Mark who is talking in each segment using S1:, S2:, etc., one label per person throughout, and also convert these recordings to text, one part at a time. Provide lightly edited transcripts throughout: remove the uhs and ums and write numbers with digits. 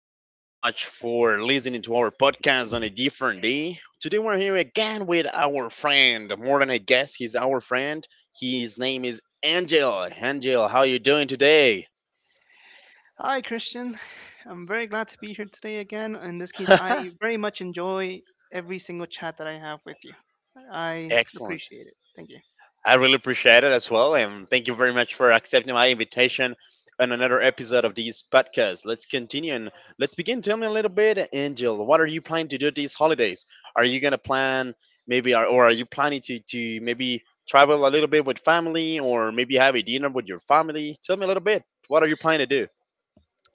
S1: very, very much for listening to our podcast on a different day. Today we're here again with our friend, more than a guest, he's our friend. His name is Angel. Angel, how you doing today?
S2: Hi, Christian. I'm very glad to be here today again. In this case, I very much enjoy every single chat that I have with you. I
S1: Excellent.
S2: appreciate it. Thank you.
S1: I really appreciate it as well. And thank you very much for accepting my invitation on another episode of this podcast. Let's continue and let's begin. Tell me a little bit, Angel, what are you planning to do these holidays? Are you going to plan maybe, or are you planning to maybe travel a little bit with family or maybe have a dinner with your family? Tell me a little bit. What are you planning to do?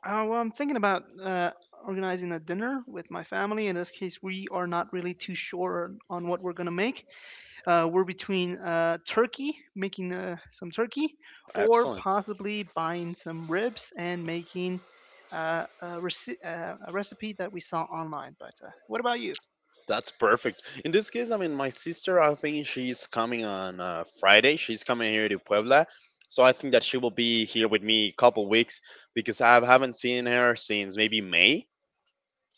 S2: Well, I'm thinking about organizing a dinner with my family. In this case, we are not really too sure on what we're going to make. We're between turkey, making some turkey, or
S1: Excellent.
S2: possibly buying some ribs and making a recipe that we saw online. But what about you?
S1: That's perfect. In this case, I mean, my sister, I think she's coming on Friday. She's coming here to Puebla. So I think that she will be here with me a couple weeks because I haven't seen her since maybe May.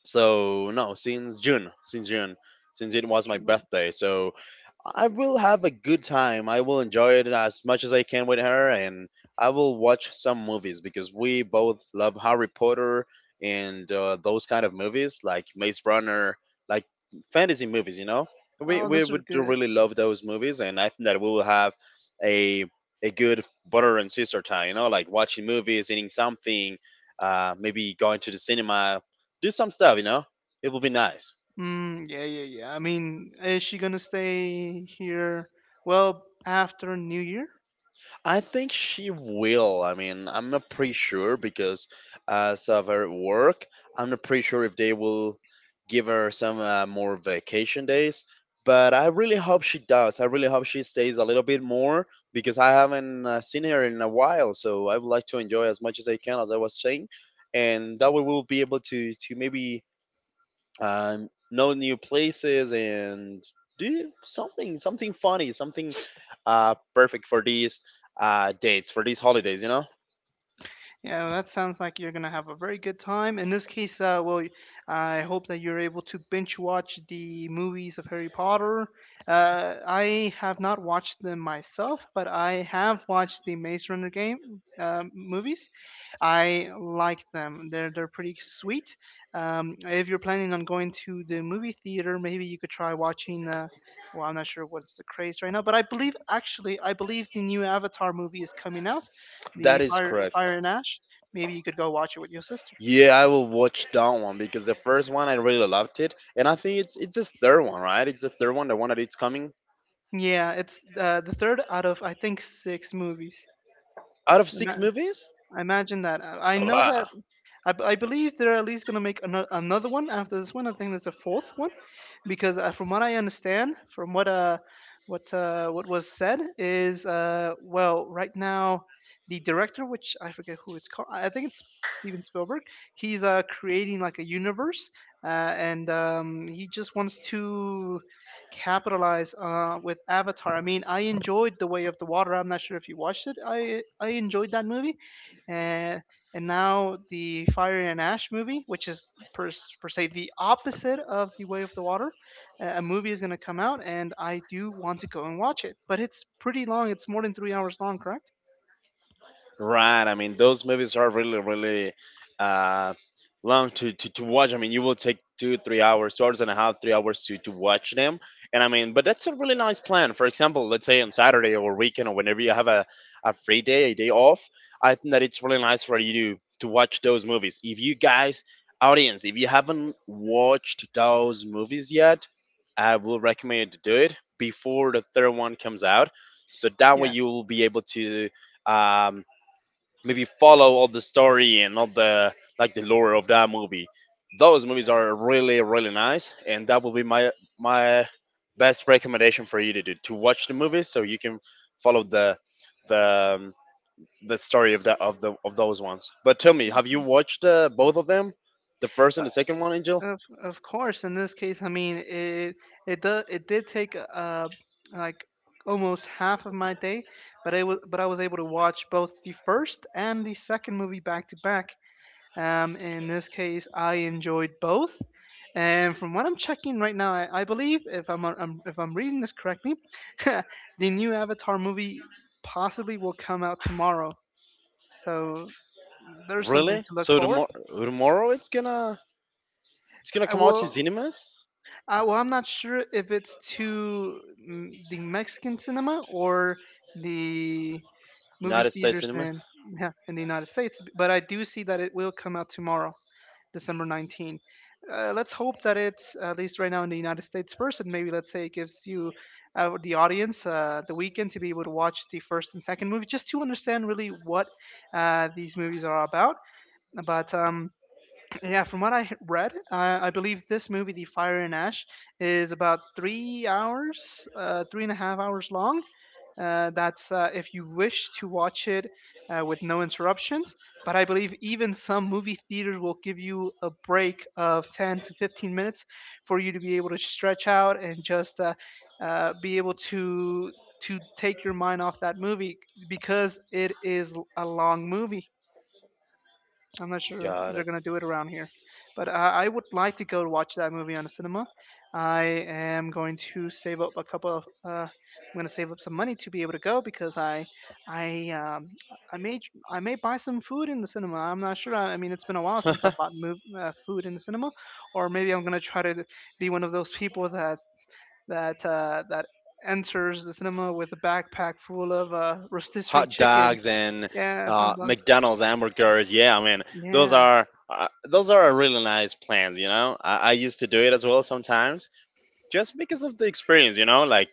S1: So, no, since June. Since June. Since it was my
S2: June.
S1: birthday. So I will have a good time. I will enjoy it as much as I can with her, and I will watch some movies because we both love Harry Potter and those kind of movies, like Maze Runner, like fantasy movies. You know, we
S2: Oh,
S1: we
S2: those are
S1: would do
S2: good.
S1: really love those movies, and I think that we will have a a good brother and sister time. You know, like watching movies, eating something, maybe going to the cinema, do some stuff. You know, it will be nice.
S2: Yeah, yeah, yeah. I mean, is she gonna stay here? Well, after New Year?
S1: I think she will. I mean, I'm not pretty sure because as of her work, I'm not pretty sure if they will give her some more vacation days. But I really hope she does. I really hope she stays a little bit more because I haven't seen her in a while. So I would like to enjoy as much as I can, as I was saying, and that way we'll be able to maybe know new places and do something something funny something perfect for these dates for these holidays, you know.
S2: Yeah, well, that sounds like you're gonna have a very good time. In this case, I hope that you're able to binge watch the movies of Harry Potter. I have not watched them myself, but I have watched the Maze Runner game movies. I like them. They're pretty sweet. If you're planning on going to the movie theater, maybe you could try watching. Well, I'm not sure what's the craze right now, but I believe the new Avatar movie is coming out, the
S1: That is
S2: Fire
S1: correct.
S2: Fire and Ash. Maybe you could go watch it with your sister.
S1: Yeah, I will watch that one because the first one I really loved it, and I think it's the third one, right? It's the third one, the one that it's coming
S2: Yeah, it's the third out of I think six movies.
S1: out of six
S2: Ima-
S1: movies
S2: I imagine that. I know
S1: Wow.
S2: that I believe they're at least going to make another one after this one. I think there's a fourth one, because from what I understand, from what was said is well right now the director, which I forget who it's called, I think it's Steven Spielberg. He's creating like a universe, uh, and he just wants to capitalize with Avatar. I mean, I enjoyed The Way of the Water. I'm not sure if you watched it. I enjoyed that movie and and now the Fire and Ash movie, which is per se the opposite of The Way of the Water, a movie is going to come out, and I do want to go and watch it. But it's pretty long; it's more than 3 hours long, correct?
S1: Right. I mean, those movies are really, really uh, long to watch. I mean, you will take 2, 3 hours, 2 hours and a half, 3 hours to watch them. And I mean, but that's a really nice plan. For example, let's say on Saturday or weekend or whenever you have a free day, a day off, I think that it's really nice for you to watch those movies. If you guys, audience, if you haven't watched those movies yet, I will recommend you to do it before the third one comes out. So that way
S2: Yeah,
S1: you will be able to. Um, maybe follow all the story and all the like the lore of that movie. Those movies are really really nice, and that will be my my best recommendation for you to do to watch the movies so you can follow the the story of that of the of those ones. But tell me, have you watched both of them, the first and the second one, Angel?
S2: uh, of course. In this case, I mean it did take like almost half of my day, but I was able to watch both the first and the second movie back to back. In this case, I enjoyed both. And from what I'm checking right now, I believe, if I'm reading this correctly, the new Avatar movie possibly will come out tomorrow. So there's something
S1: Really?
S2: to look
S1: So
S2: forward.
S1: tomorrow tomorrow it's gonna
S2: I
S1: come out to
S2: will.
S1: cinemas,
S2: Well, I'm not sure if it's to the Mexican cinema or the movie
S1: United States
S2: theaters
S1: cinema.
S2: in yeah, in the United States, but I do see that it will come out tomorrow. December 19th. Let's hope that it's at least right now in the United States first, and maybe let's say it gives you the audience the weekend to be able to watch the first and second movie just to understand really what these movies are about. But yeah, from what I read, I believe this movie, The Fire and Ash, is about 3 hours, three and a half hours long, that's if you wish to watch it with no interruptions. But I believe even some movie theaters will give you a break of 10 to 15 minutes for you to be able to stretch out and just be able to take your mind off that movie because it is a long movie. I'm not sure if
S1: Got
S2: they're gonna do it around here, but I would like to go watch that movie on the cinema. I am going to save up a couple of. I'm gonna save up some money to be able to go because I, um, I may I may buy some food in the cinema. I'm not sure. I mean, it's been a while
S1: it.
S2: since I bought mov food in the cinema, or maybe I'm gonna try to be one of those people that that enters the cinema with a backpack full of rotisserie
S1: Hot
S2: chicken.
S1: dogs and
S2: Yeah, humbug.
S1: McDonald's hamburgers. Yeah, I mean
S2: Yeah,
S1: those are really nice plans. You know, I used to do it as well sometimes, just because of the experience. You know, like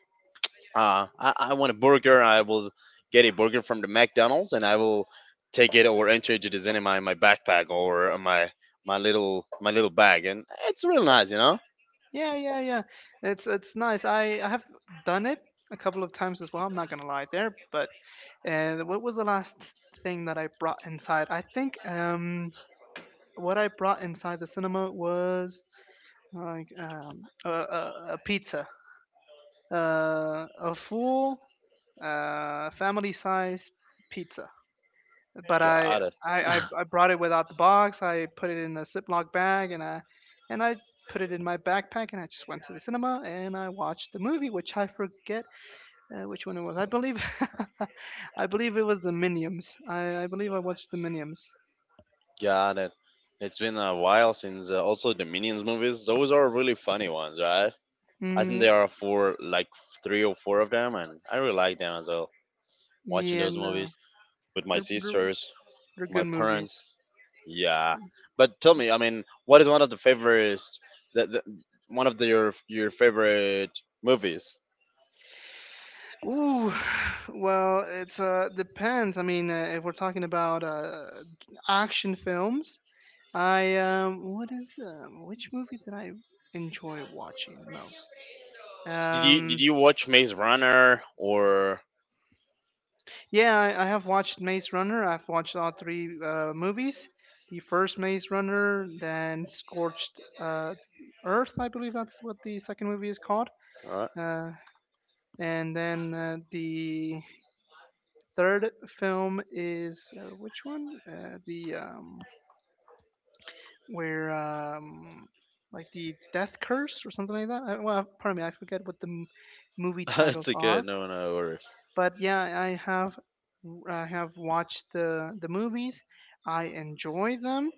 S1: I want a burger, I will get a burger from the McDonald's, and I will take it or enter it into the cinema in my backpack or my little bag, and it's real nice. You know,
S2: yeah, yeah, yeah. It's nice. I have done it a couple of times as well. I'm not gonna lie there, but what was the last thing that I brought inside? I think what I brought inside the cinema was a pizza, a full family size pizza, but
S1: got it,
S2: I brought it without the box. I put it in a Ziploc bag and I put it in my backpack and I just went to the cinema and I watched the movie, which I forget which one it was. I believe I believe it was the Minions. I believe I watched the Minions.
S1: got it. It's been a while since also the Minions movies. Those are really funny ones, right? I think
S2: Mm,
S1: there are four, like three or four of them, and I really like them as well. Watching
S2: yeah,
S1: those
S2: no,
S1: movies with my
S2: they're, they're
S1: sisters,
S2: they're
S1: my
S2: good movies.
S1: parents, yeah. But tell me, I mean, what is one of the favorites? That one of the, your favorite movies?
S2: Ooh, well, it's depends. I mean, if we're talking about action films, I what is which movie did I enjoy watching most?
S1: Did
S2: Um,
S1: you watch Maze Runner or?
S2: yeah, I have watched Maze Runner. I've watched all three movies. The first Maze Runner, then Scorched Earth, I believe that's what the second movie is called.
S1: Uh,
S2: Uh, and then The third film is which one? The Where like the death curse or something like that. I, well Pardon me, I forget what the movie titles
S1: it's okay.
S2: are,
S1: No, no, or
S2: but yeah, I have watched the movies. I enjoy them.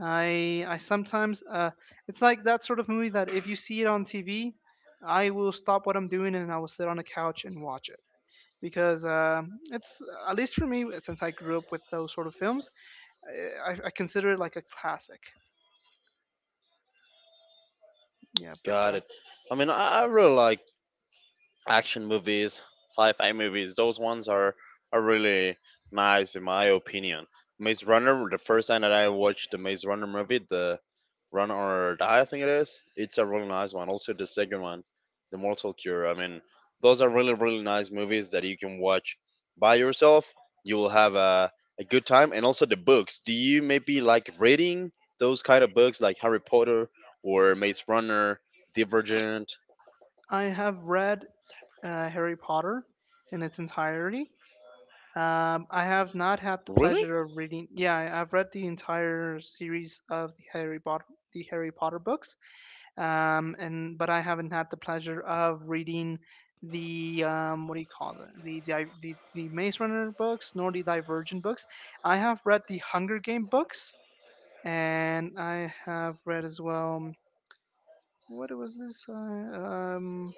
S2: I sometimes It's like that sort of movie that if you see it on TV, I will stop what I'm doing and I will sit on the couch and watch it, because it's, at least for me, since I grew up with those sort of films, I, I consider it like a classic. Yeah, but
S1: got it. I mean, I really like action movies, sci-fi movies. Those ones are really nice in my opinion. Maze Runner, the first time that I watched the Maze Runner movie, the Run or Die, I think it is. It's a really nice one. Also, the second one, The Mortal Cure. I mean, those are really really nice movies that you can watch by yourself. You will have a good time. And also the books. Do you maybe like reading those kind of books like Harry Potter or Maze Runner, Divergent?
S2: I have read Harry Potter in its entirety. I have not had the
S1: Really?
S2: pleasure of reading. Yeah, I've read the entire series of the Harry Potter books, and but I haven't had the pleasure of reading the what do you call it? The the Maze Runner books, nor the Divergent books. I have read the Hunger Game books, and I have read as well. What was this? Um,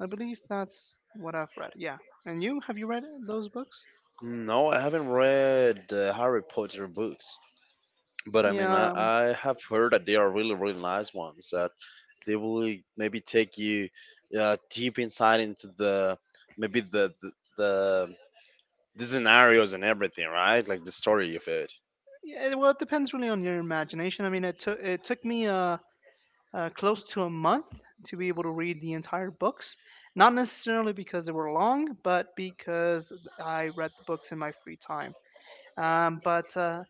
S2: I believe that's what I've read. Yeah. And you, have you read those books?
S1: No, I haven't read the Harry Potter books, but I mean,
S2: Yeah.
S1: I have heard that they are really, really nice ones. That they will maybe take you deep inside into the maybe the the the scenarios and everything, right? Like the story of it.
S2: Yeah. Well, it depends really on your imagination. I mean, it took me close to a month to be able to read the entire books. Not necessarily because they were long, but because I read the books in my free time. Um, but uh,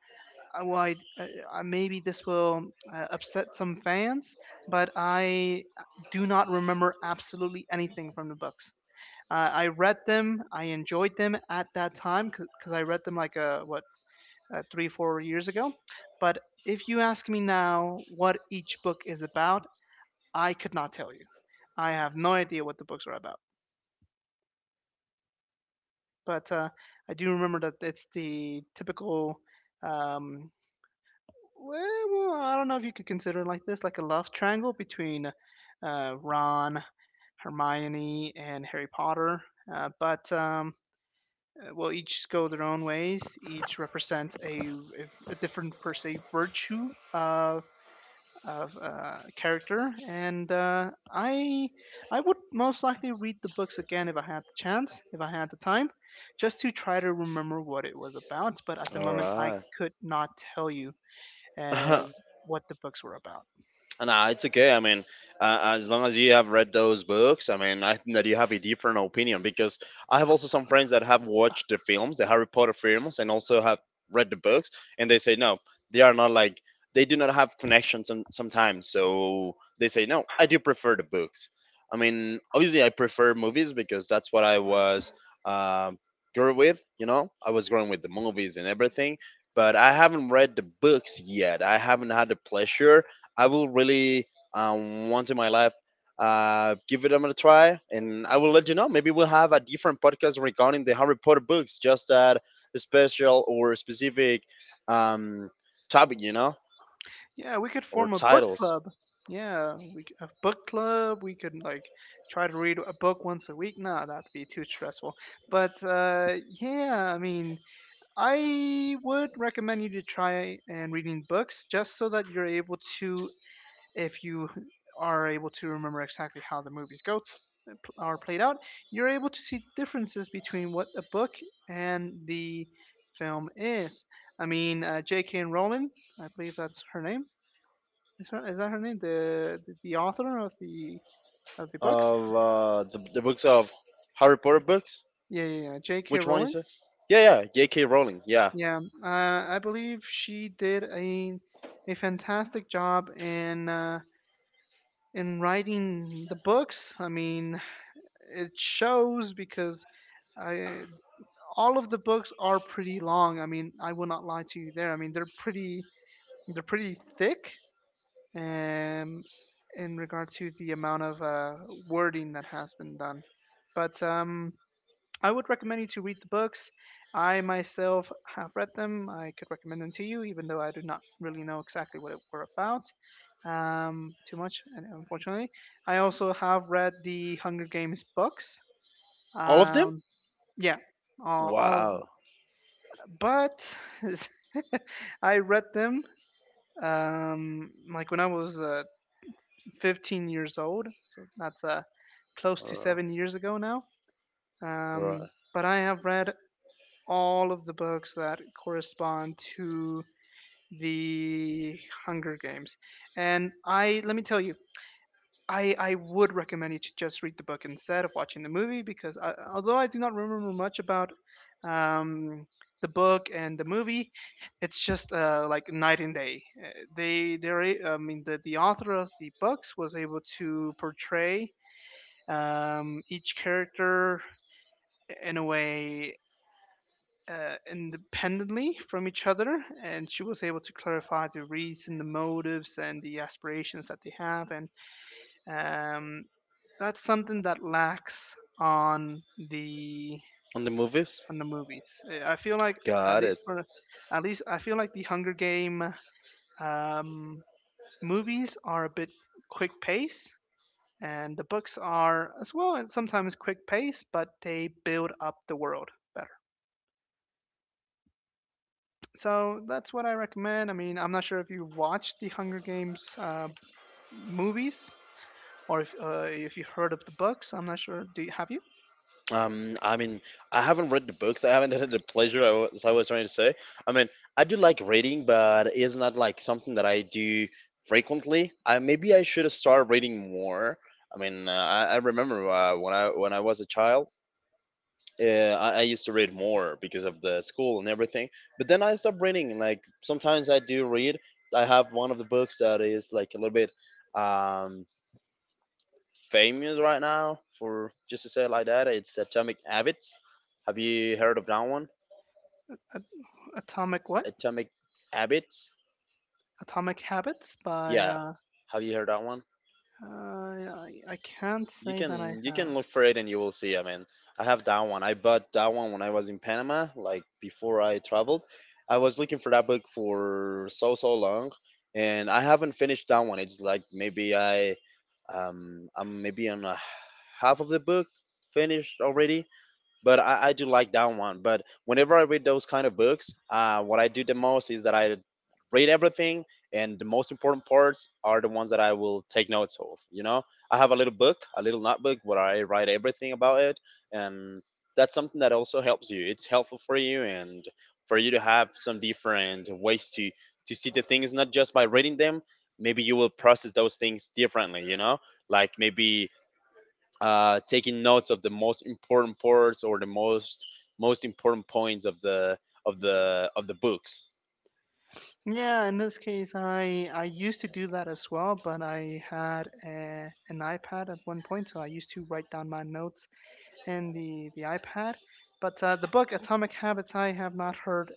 S2: well, maybe this will upset some fans, but I do not remember absolutely anything from the books. I read them. I enjoyed them at that time because I read them like what three, 4 years ago. But if you ask me now what each book is about, I could not tell you. I have no idea what the books are about. But I do remember that it's the typical. Um, well, I don't know if you could consider it like this, like a love triangle between Ron, Hermione, and Harry Potter. But Will each go their own ways. Each represents a different per se virtue of character, and I would most likely read the books again if I had the chance, if I had the time, just to try to remember what it was about. But at the
S1: All
S2: moment, I
S1: right.
S2: could not tell you uh, what the books were about.
S1: Nah, it's okay. I mean, as long as you have read those books, I mean, I think that you have a different opinion because I have also some friends that have watched the films, the Harry Potter films, and also have read the books, and they say no, they are not like they do not have connections sometimes. So they say no, I do prefer the books. I mean, obviously, I prefer movies because that's what I was uh, grew with. You know, I was growing with the movies and everything. But I haven't read the books yet. I haven't had the pleasure. I will really once in my life give it a try, and I will let you know. Maybe we'll have a different podcast regarding the Harry Potter books, just that special or specific um, topic, you know,
S2: Yeah, we could
S1: or
S2: form a book
S1: titles
S2: club. Yeah, a book club. We could like try to read a book once a week. No, that'd be too stressful. But yeah, I mean, I would recommend you to try and reading books just so that you're able to, if you are able to remember exactly how the movies go are played out, you're able to see the differences between what a book and the film is. I mean, J.K. Rowling, I believe that's her name. Is that her name? The author of the books?
S1: of the books of Harry Potter books.
S2: Yeah, yeah, yeah. J.K.
S1: Which one is
S2: Rowling.
S1: it? Yeah, yeah, J.K. Rowling. Yeah,
S2: Yeah, I believe she did a fantastic job in writing the books. I mean, it shows because I all of the books are pretty long. I mean, I will not lie to you there. I mean, they're pretty thick. Um, in regard to the amount of wording that has been done, but I would recommend you to read the books. I myself have read them. I could recommend them to you, even though I do not really know exactly what it were about too much, and unfortunately. I also have read the Hunger Games books.
S1: all of them.
S2: Um, yeah, all,
S1: Wow.
S2: but I read them like when I was 15 years old, so that's close
S1: All
S2: to
S1: right.
S2: 7 years ago now.
S1: All
S2: Um,
S1: right.
S2: but I have read all of the books that correspond to the Hunger Games. And I let me tell you, I would recommend you to just read the book instead of watching the movie because I, although I do not remember much about um, the book and the movie, it's just like night and day. They I mean the author of the books was able to portray each character in a way independently from each other, and she was able to clarify the reason, the motives, and the aspirations that they have, and um, that's something that lacks
S1: On the movies.
S2: on the movies. I feel like at
S1: Got it.
S2: least for at least I feel like the Hunger Game um, movies are a bit quick pace. And the books are as well, and sometimes quick pace, but they build up the world better. So that's what I recommend. I mean, I'm not sure if you watched the Hunger Games movies or if you've heard of the books. I'm not sure. Do you, have you?
S1: I mean, I haven't read the books. I haven't had the pleasure, I was trying to say. I mean, I do like reading, but it's not like something that I do frequently. I maybe I should start reading more. I mean, I remember when I was a child, I used to read more because of the school and everything. But then I stopped reading. Like sometimes I do read. I have one of the books that is like a little bit. Um, famous right now for just to say it like that. It's Atomic Habits. Have you heard of that one?
S2: At- Atomic what?
S1: Atomic Habits.
S2: Atomic Habits by
S1: Yeah. Have you heard that one?
S2: I can't
S1: You
S2: say that I
S1: can you
S2: have.
S1: can look for it and you will see. I mean, I have that one. I bought that one when I was in Panama, like before I traveled. I was looking for that book for so so long, and I haven't finished that one. It's like maybe I I'm maybe on a half of the book finished already, but I do like that one. But whenever I read those kind of books, what I do the most is that I read everything, and the most important parts are the ones that I will take notes of. You know, I have a little book, a little notebook where I write everything about it, and that's something that also helps you. It's helpful for you and for you to have some different ways to see the things not just by reading them. Maybe you will process those things differently. You know, like maybe taking notes of the most important parts or the most most important points of the of the of the books.
S2: Yeah, in this case, I used to do that as well, but I had an iPad at one point, so I used to write down my notes in the iPad. But the book Atomic Habits, I have not heard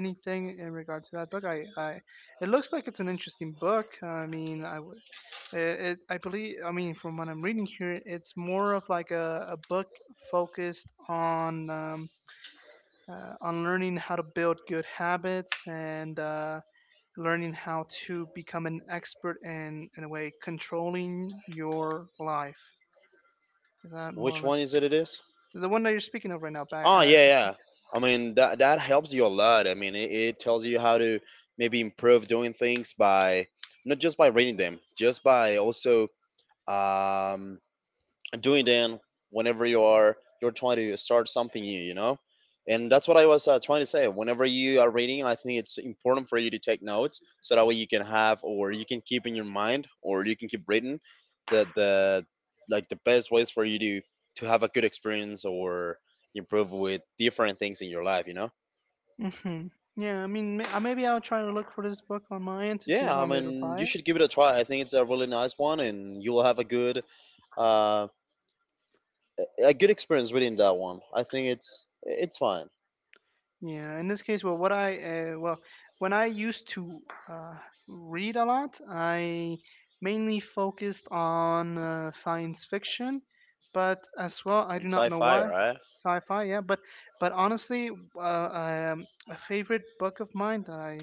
S2: anything in regard to that book. I it looks like it's an interesting book. I mean, I would. It, I believe, I mean, from what I'm reading here, it's more of like a book focused on learning how to build good habits and learning how to become an expert and in a way controlling your life. Is that more or
S1: Which
S2: less
S1: one is it? It is.
S2: the one that you're speaking of right now? Back.
S1: Oh yeah, yeah. I mean that that helps you a lot. I mean it tells you how to maybe improve doing things by not just by reading them, just by also um, doing then whenever you're trying to start something new. And that's what I was trying to say, whenever you are reading I think it's important for you to take notes so that way you can have, or you can keep in your mind, or you can keep reading the like the best ways for you to have a good experience or improve with different things in your life.
S2: Hmm. Yeah, I mean, maybe I'll try to look for this book on my end to see
S1: Yeah,
S2: if
S1: I
S2: I'm able to
S1: mean
S2: buy
S1: you
S2: it.
S1: should give it a try, I think it's a really nice one and you'll have uh a good experience reading that one, I think it's fine.
S2: Yeah, in this case, well, uh, well, when I used to uh, read a lot, I mainly focused on science fiction, but as well, I
S1: On
S2: do not know
S1: sci-fi,
S2: why.
S1: right?
S2: Sci-fi, yeah, but honestly a favorite book of mine that I,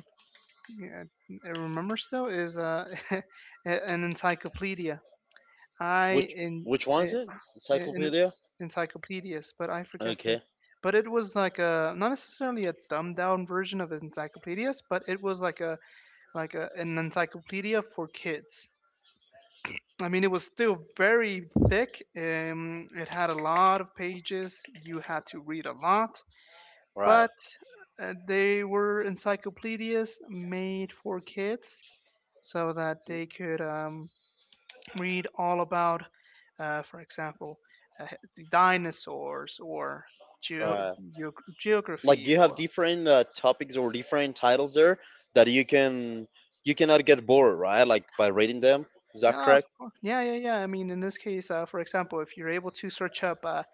S2: yeah, I remember still is an encyclopedia I
S1: Which which one is
S2: in,
S1: it?
S2: in
S1: Encyclopedia?
S2: encyclopedias but I forget the
S1: Okay,
S2: but it was like a not necessarily a dumbed down version of encyclopedias but it was like a like an encyclopedia for kids. I mean, it was still very thick. It had a lot of pages. You had to read a lot,
S1: right,
S2: but they were encyclopedias made for kids so that they could read all about, for example, uh, the dinosaurs or geo
S1: right.
S2: geo
S1: Like
S2: geography
S1: you
S2: or.
S1: have different topics or different titles there that you can you cannot get bored, right? Like by reading them. Is that
S2: Yeah, of
S1: correct?
S2: course. Yeah, yeah, yeah. I mean, in this case, for example, if you're able to search up uh,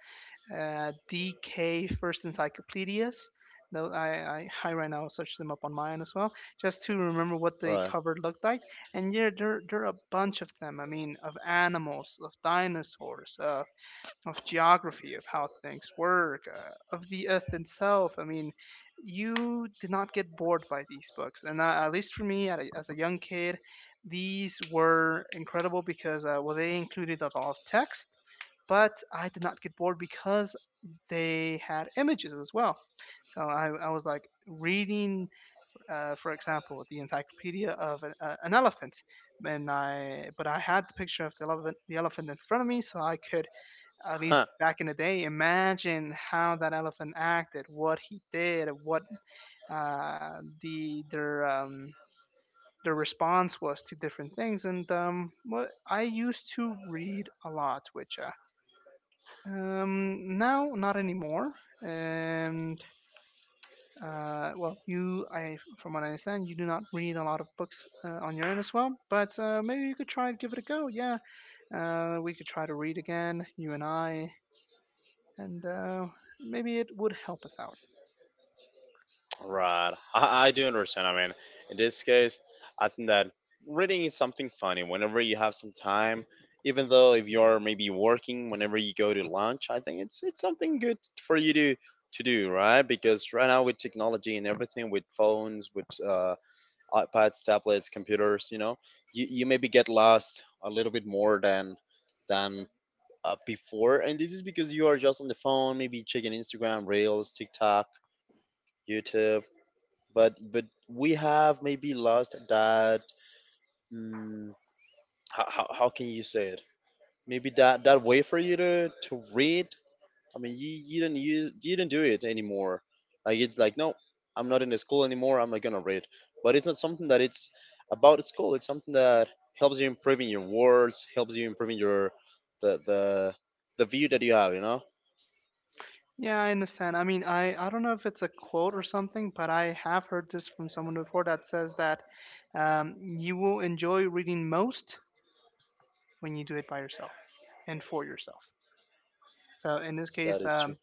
S2: uh, DK First Encyclopedias. Though I right now search them up on mine as well, just to remember what the
S1: Right.
S2: cover looked like. And yeah, there are a bunch of them. I mean, of animals, of dinosaurs, of geography, of how things work, of the Earth itself. I mean, you did not get bored by these books. And at least for me, as a young kid, these were incredible because well, they included a lot of text but I did not get bored because they had images as well. So I was like reading, for example, the encyclopedia of an elephant, and I but I had the picture of the elephant in front of me, so I could at least back in the day imagine how that elephant acted, what he did, what the their response was to different things, and what I used to read a lot, which now not anymore. And well, from what I understand, you do not read a lot of books on your own as well, but maybe you could try and give it a go. Yeah, we could try to read again, you and I, and maybe it would help us out.
S1: Right. I do understand. I mean, in this case, I think that reading is something funny whenever you have some time. Even though if you're maybe working, whenever you go to lunch, I think it's something good for you to do, right? Because right now with technology and everything, with phones, with iPads, tablets, computers, you know, you maybe get lost a little bit more than than before, and this is because you are just on the phone, maybe checking Instagram, Reels, TikTok, YouTube, but we have maybe lost that, mm, how can you say it, maybe that that way for you to read. I mean you don't use, you don't do it anymore, like it's like, no, I'm not in the school anymore, I'm not gonna read. But it's not something that it's about school, it's something that helps you improving your words, helps you improving your the the view that you have.
S2: Yeah, I understand. I mean, I don't know if it's a quote or something, but I have heard this from someone before that says that you will enjoy reading most when you do it by yourself and for yourself. So in this
S1: That
S2: case,
S1: is true.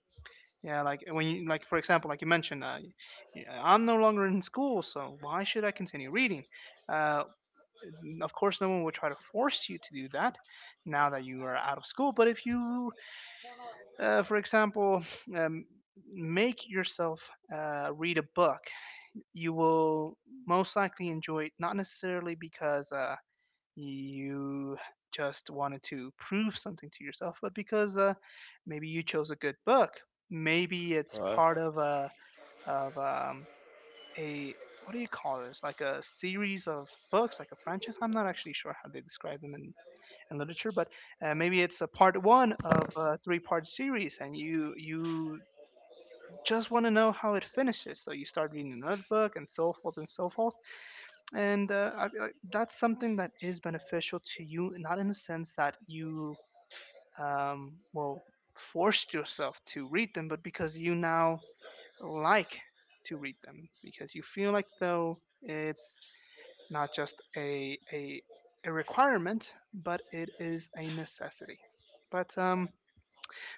S2: yeah, like when you like for example, like you mentioned, I'm no longer in school, so why should I continue reading? Uh, of course, no one would try to force you to do that now that you are out of school. But if you, for example, um, make yourself read a book, you will most likely enjoy it. Not necessarily because you just wanted to prove something to yourself, but because maybe you chose a good book. Maybe it's
S1: Right,
S2: part of a what do you call this? Like a series of books, like a franchise. I'm not actually sure how they describe them in literature, but maybe it's a part one of a three-part series, and you just want to know how it finishes. So you start reading another book, and so forth and so forth. And that's something that is beneficial to you, not in the sense that you will forced yourself to read them, but because you now like to read them because you feel like though it's not just a requirement, but it is a necessity. But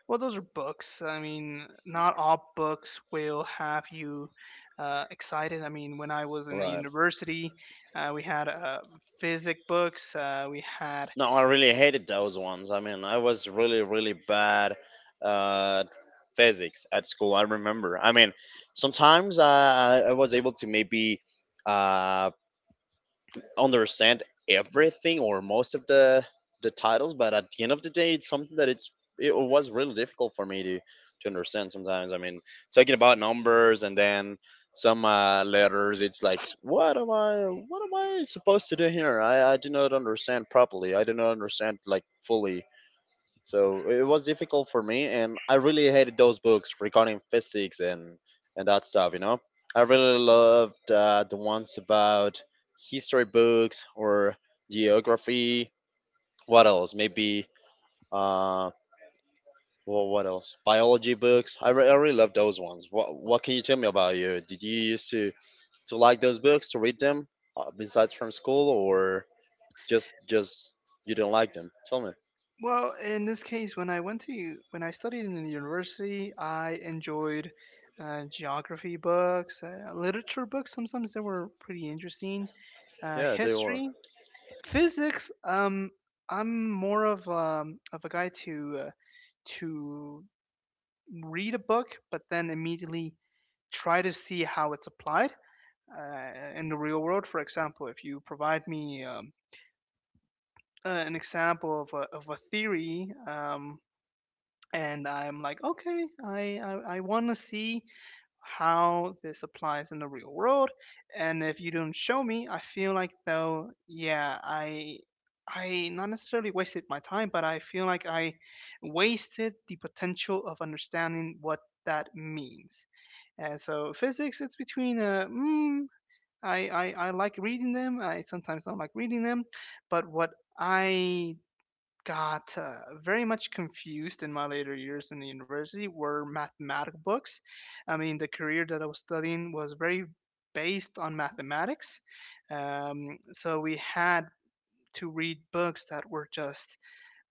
S2: well, those are books. I mean, not all books will have you excited. I mean, when I was in the
S1: right.
S2: university, we had physics books, we had.
S1: No, I really hated those ones. I mean, I was really, really bad at physics at school. I remember. I mean, sometimes I was able to maybe uh, understand everything or most of the titles, but at the end of the day, it's something that it's it was really difficult for me to understand sometimes. I mean, talking about numbers and then some letters, it's like, what am I, what am I supposed to do here? I do not understand properly. I do not understand like fully. So it was difficult for me, and I really hated those books regarding physics and that stuff. You know, I really loved the ones about history books or geography. What else? Maybe uh, well, what else? Biology books. I, I really love those ones. What can you tell me about you? Did you used to like those books, to read them besides from school or just you don't like them? Tell me.
S2: Well, in this case, when I went to when I studied in the university, I enjoyed geography books, literature books. Sometimes they were pretty interesting.
S1: Yeah, they were.
S2: History, physics. I'm more of a guy to read a book, but then immediately try to see how it's applied in the real world. For example, if you provide me an example of of a theory. And I'm like, okay, I want to see how this applies in the real world, and if you don't show me, I feel like though, yeah, I not necessarily wasted my time, but I feel like I wasted the potential of understanding what that means. And so physics, it's between I like reading them. I sometimes don't like reading them, but what I got very much confused in my later years in the university were mathematical books. I mean, the career that I was studying was very based on mathematics. So we had to read books that were just,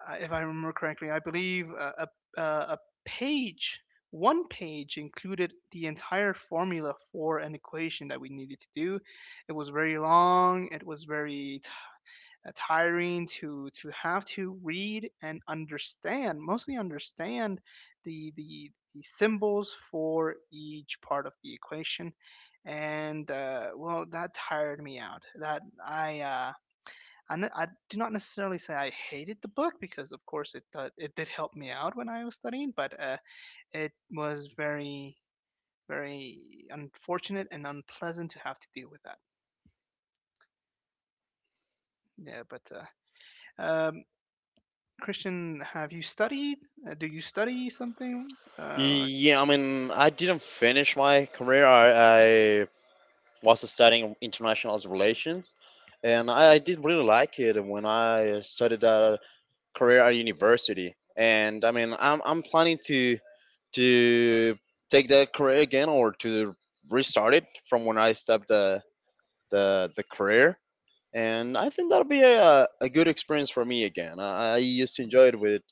S2: if I remember correctly, I believe a page. One page included the entire formula for an equation that we needed to do. It was very long, it was very tiring to have to read and understand mostly understand the symbols for each part of the equation and well that tired me out that I do not necessarily say I hated the book because, of course, it it did help me out when I was studying, but it was very, very unfortunate and unpleasant to have to deal with that. Yeah, but uh, um, Christian, have you studied? Do you study something?
S1: Yeah, I mean, I didn't finish my career. I was studying international relations, and I did really like it when I started that career at university. And I mean, I'm planning to take that career again, or to restart it from when I stopped the career. And I think that'll be a good experience for me again. I used to enjoy it with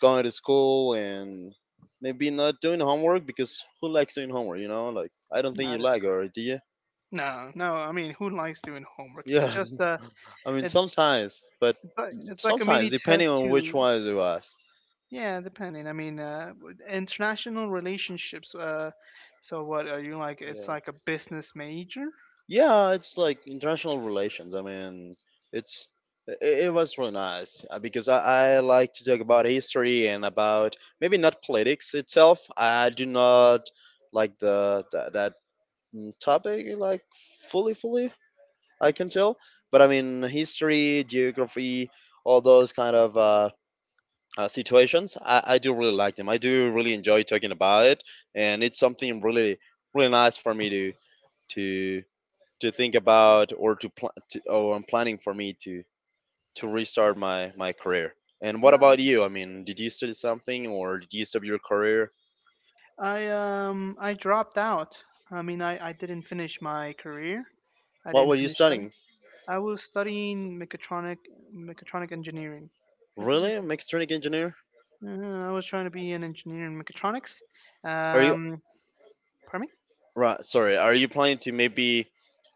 S1: going to school, and maybe not doing homework because who likes doing homework, you know? Like, I don't think you
S2: That is
S1: like it, or
S2: correct.
S1: do you?
S2: No, no. I mean, who likes doing homework? It's
S1: Yeah,
S2: just
S1: I mean,
S2: it's
S1: sometimes, but
S2: it's like a
S1: sometimes,
S2: mini
S1: depending
S2: test
S1: on which
S2: to
S1: one it was.
S2: yeah, depending. I mean, with international relationships. So what are you like? It's
S1: Yeah.
S2: like a business major.
S1: Yeah, it's like international relations. I mean, it's it, it was really nice because I like to talk about history and about maybe not politics itself. I do not like that, topic like fully, I can tell. But I mean, history, geography, all those kind of situations, I do really like them. I do really enjoy talking about it, and it's something really, really nice for me to to to think about or to plan. To, oh, I'm planning for me to restart my my career. And what
S2: Uh,
S1: about you? I mean, did you study something or did you stop your career?
S2: I dropped out. I mean, I didn't finish my career. I
S1: What were
S2: didn't
S1: you
S2: finish studying.
S1: studying?
S2: I was studying mechatronic engineering. I believe.
S1: Really, a mechanic engineer?
S2: I was trying to be an engineer in mechatronics.
S1: Are you
S2: Um, pardon me?
S1: right? Sorry, are you planning to maybe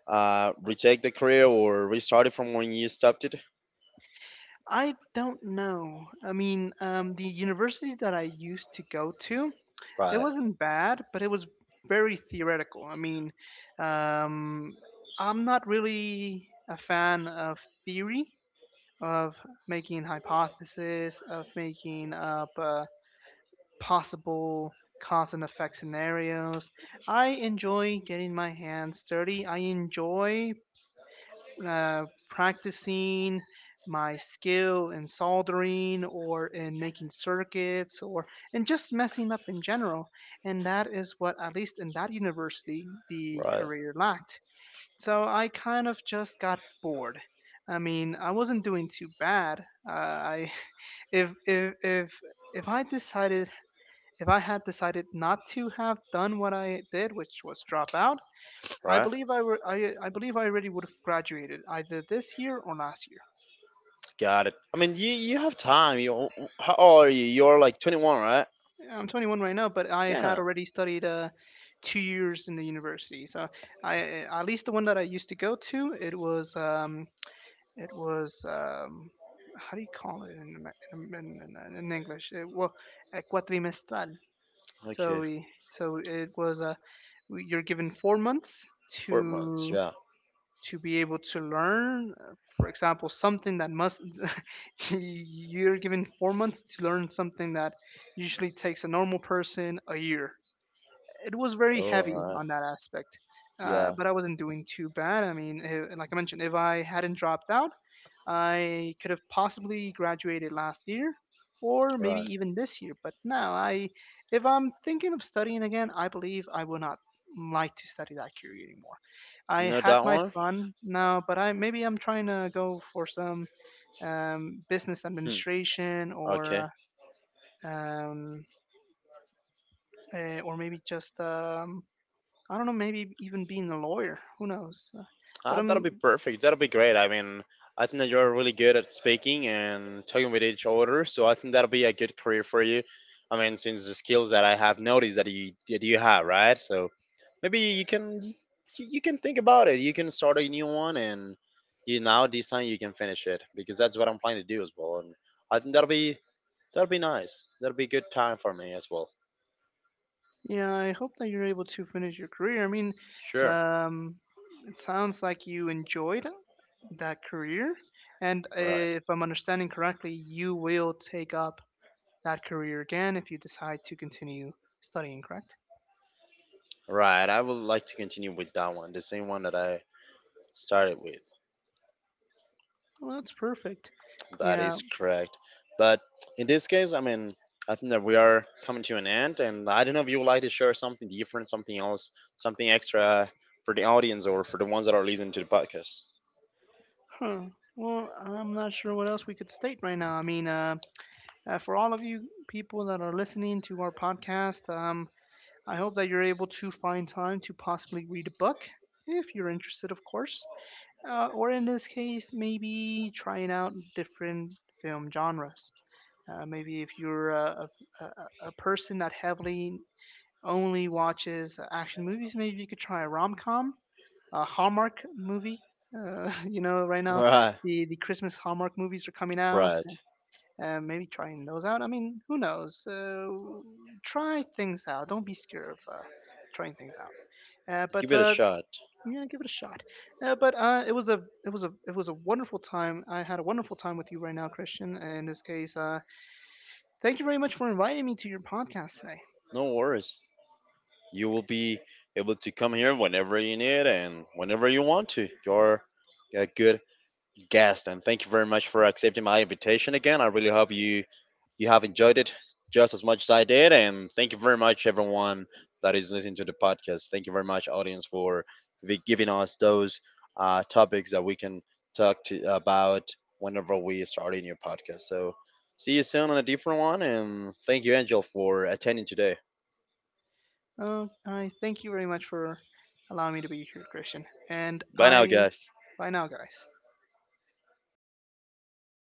S1: retake the career, or restart it from when you stopped it?
S2: I don't know. I mean, the university that I used to go to, it
S1: Right.
S2: wasn't bad, but it was very theoretical. I mean, um, I'm not really a fan of theory, of making hypothesis, of making up possible cause and effect scenarios. I enjoy getting my hands dirty. I enjoy practicing my skill in soldering or in making circuits or in just messing up in general. And that is what, at least in that university, the
S1: Right.
S2: career lacked. So I kind of just got bored. I mean, I wasn't doing too bad. If if if if I decided if I had decided not to have done what I did, which was drop out, I
S1: Right?
S2: believe I, were, I I believe I already would have graduated either this year or last year.
S1: Got it. I mean, you have time. You how old are you? You're like 21, right?
S2: I'm 21 right now, but I had
S1: Yeah.
S2: already studied 2 years in the university. So I at least the one that I used to go to, it was how do you call it in in English? Well, cuatrimestral. So
S1: Okay.
S2: we so it was you're given 4 months
S1: 4 months.
S2: to
S1: Yeah.
S2: be able to learn for example something that must you're given 4 months to learn something that usually takes a normal person a year. It was very
S1: Oh, all
S2: heavy
S1: right.
S2: on that aspect.
S1: Yeah.
S2: But I wasn't doing too bad. I mean, like I mentioned, if I hadn't dropped out, I could have possibly graduated last year or maybe
S1: Right.
S2: even this year. If I'm thinking of studying again, I believe I will not like to study that career anymore. I
S1: Know
S2: had
S1: that
S2: my
S1: one?
S2: fun now, but I maybe I'm trying to go for some business
S1: Hmm.
S2: administration
S1: Okay.
S2: or um, or maybe just I don't know, maybe even being a lawyer. Who knows? But
S1: Ah, that'll
S2: am
S1: be perfect. That'll be great. I mean, I think that you're really good at speaking and talking with each other, so I think that'll be a good career for you. I mean, since the skills that I have noticed that you have, right? So maybe you can you can think about it. You can start a new one, and you now this time you can finish it because that's what I'm planning to do as well. And I think that'll be nice. That'll be a good time for me as well.
S2: yeah, I hope that you're able to finish your career. I mean,
S1: Sure.
S2: um, it sounds like you enjoyed that career, and
S1: Right.
S2: if I'm understanding correctly, you will take up that career again if you decide to continue studying. Correct?
S1: Right. I would like to continue with that one, the same one that I started with.
S2: Well, that's perfect.
S1: That
S2: Yeah.
S1: is correct. But in this case, I mean, I think that we are coming to an end, and I don't know if you would like to share something different, something else, something extra for the audience or for the ones that are listening to the podcast.
S2: Huh. Well, I'm not sure what else we could state right now. For all of you people that are listening to our podcast, I hope that you're able to find time to possibly read a book, if you're interested, of course, or in this case, maybe trying out different film genres. Maybe if you're a, a- person that heavily only watches action movies, maybe you could try a rom com, a Hallmark movie. You know, right now
S1: Right,
S2: the Christmas Hallmark movies are coming out,
S1: right.
S2: maybe trying those out. I mean, who knows? Try things out. Don't be scared of trying things out.
S1: Give
S2: But
S1: it a shot.
S2: yeah, give it a shot. But it was a it was a it was a wonderful time. I had a wonderful time with you right now, Christian. In this case, thank you very much for inviting me to your podcast today.
S1: No worries. You will be able to come here whenever you need and whenever you want to. You're a good guest, and thank you very much for accepting my invitation again. I really hope you you have enjoyed it just as much as I did, and thank you very much everyone that is listening to the podcast. Thank you very much, audience, for giving us those topics that we can talk to about whenever we start a new podcast. So see you soon on a different one, and thank you, Angel, for attending today.
S2: I thank you very much for allowing me to be here, Christian. And
S1: Bye now,
S2: I
S1: guys.
S2: bye now, guys.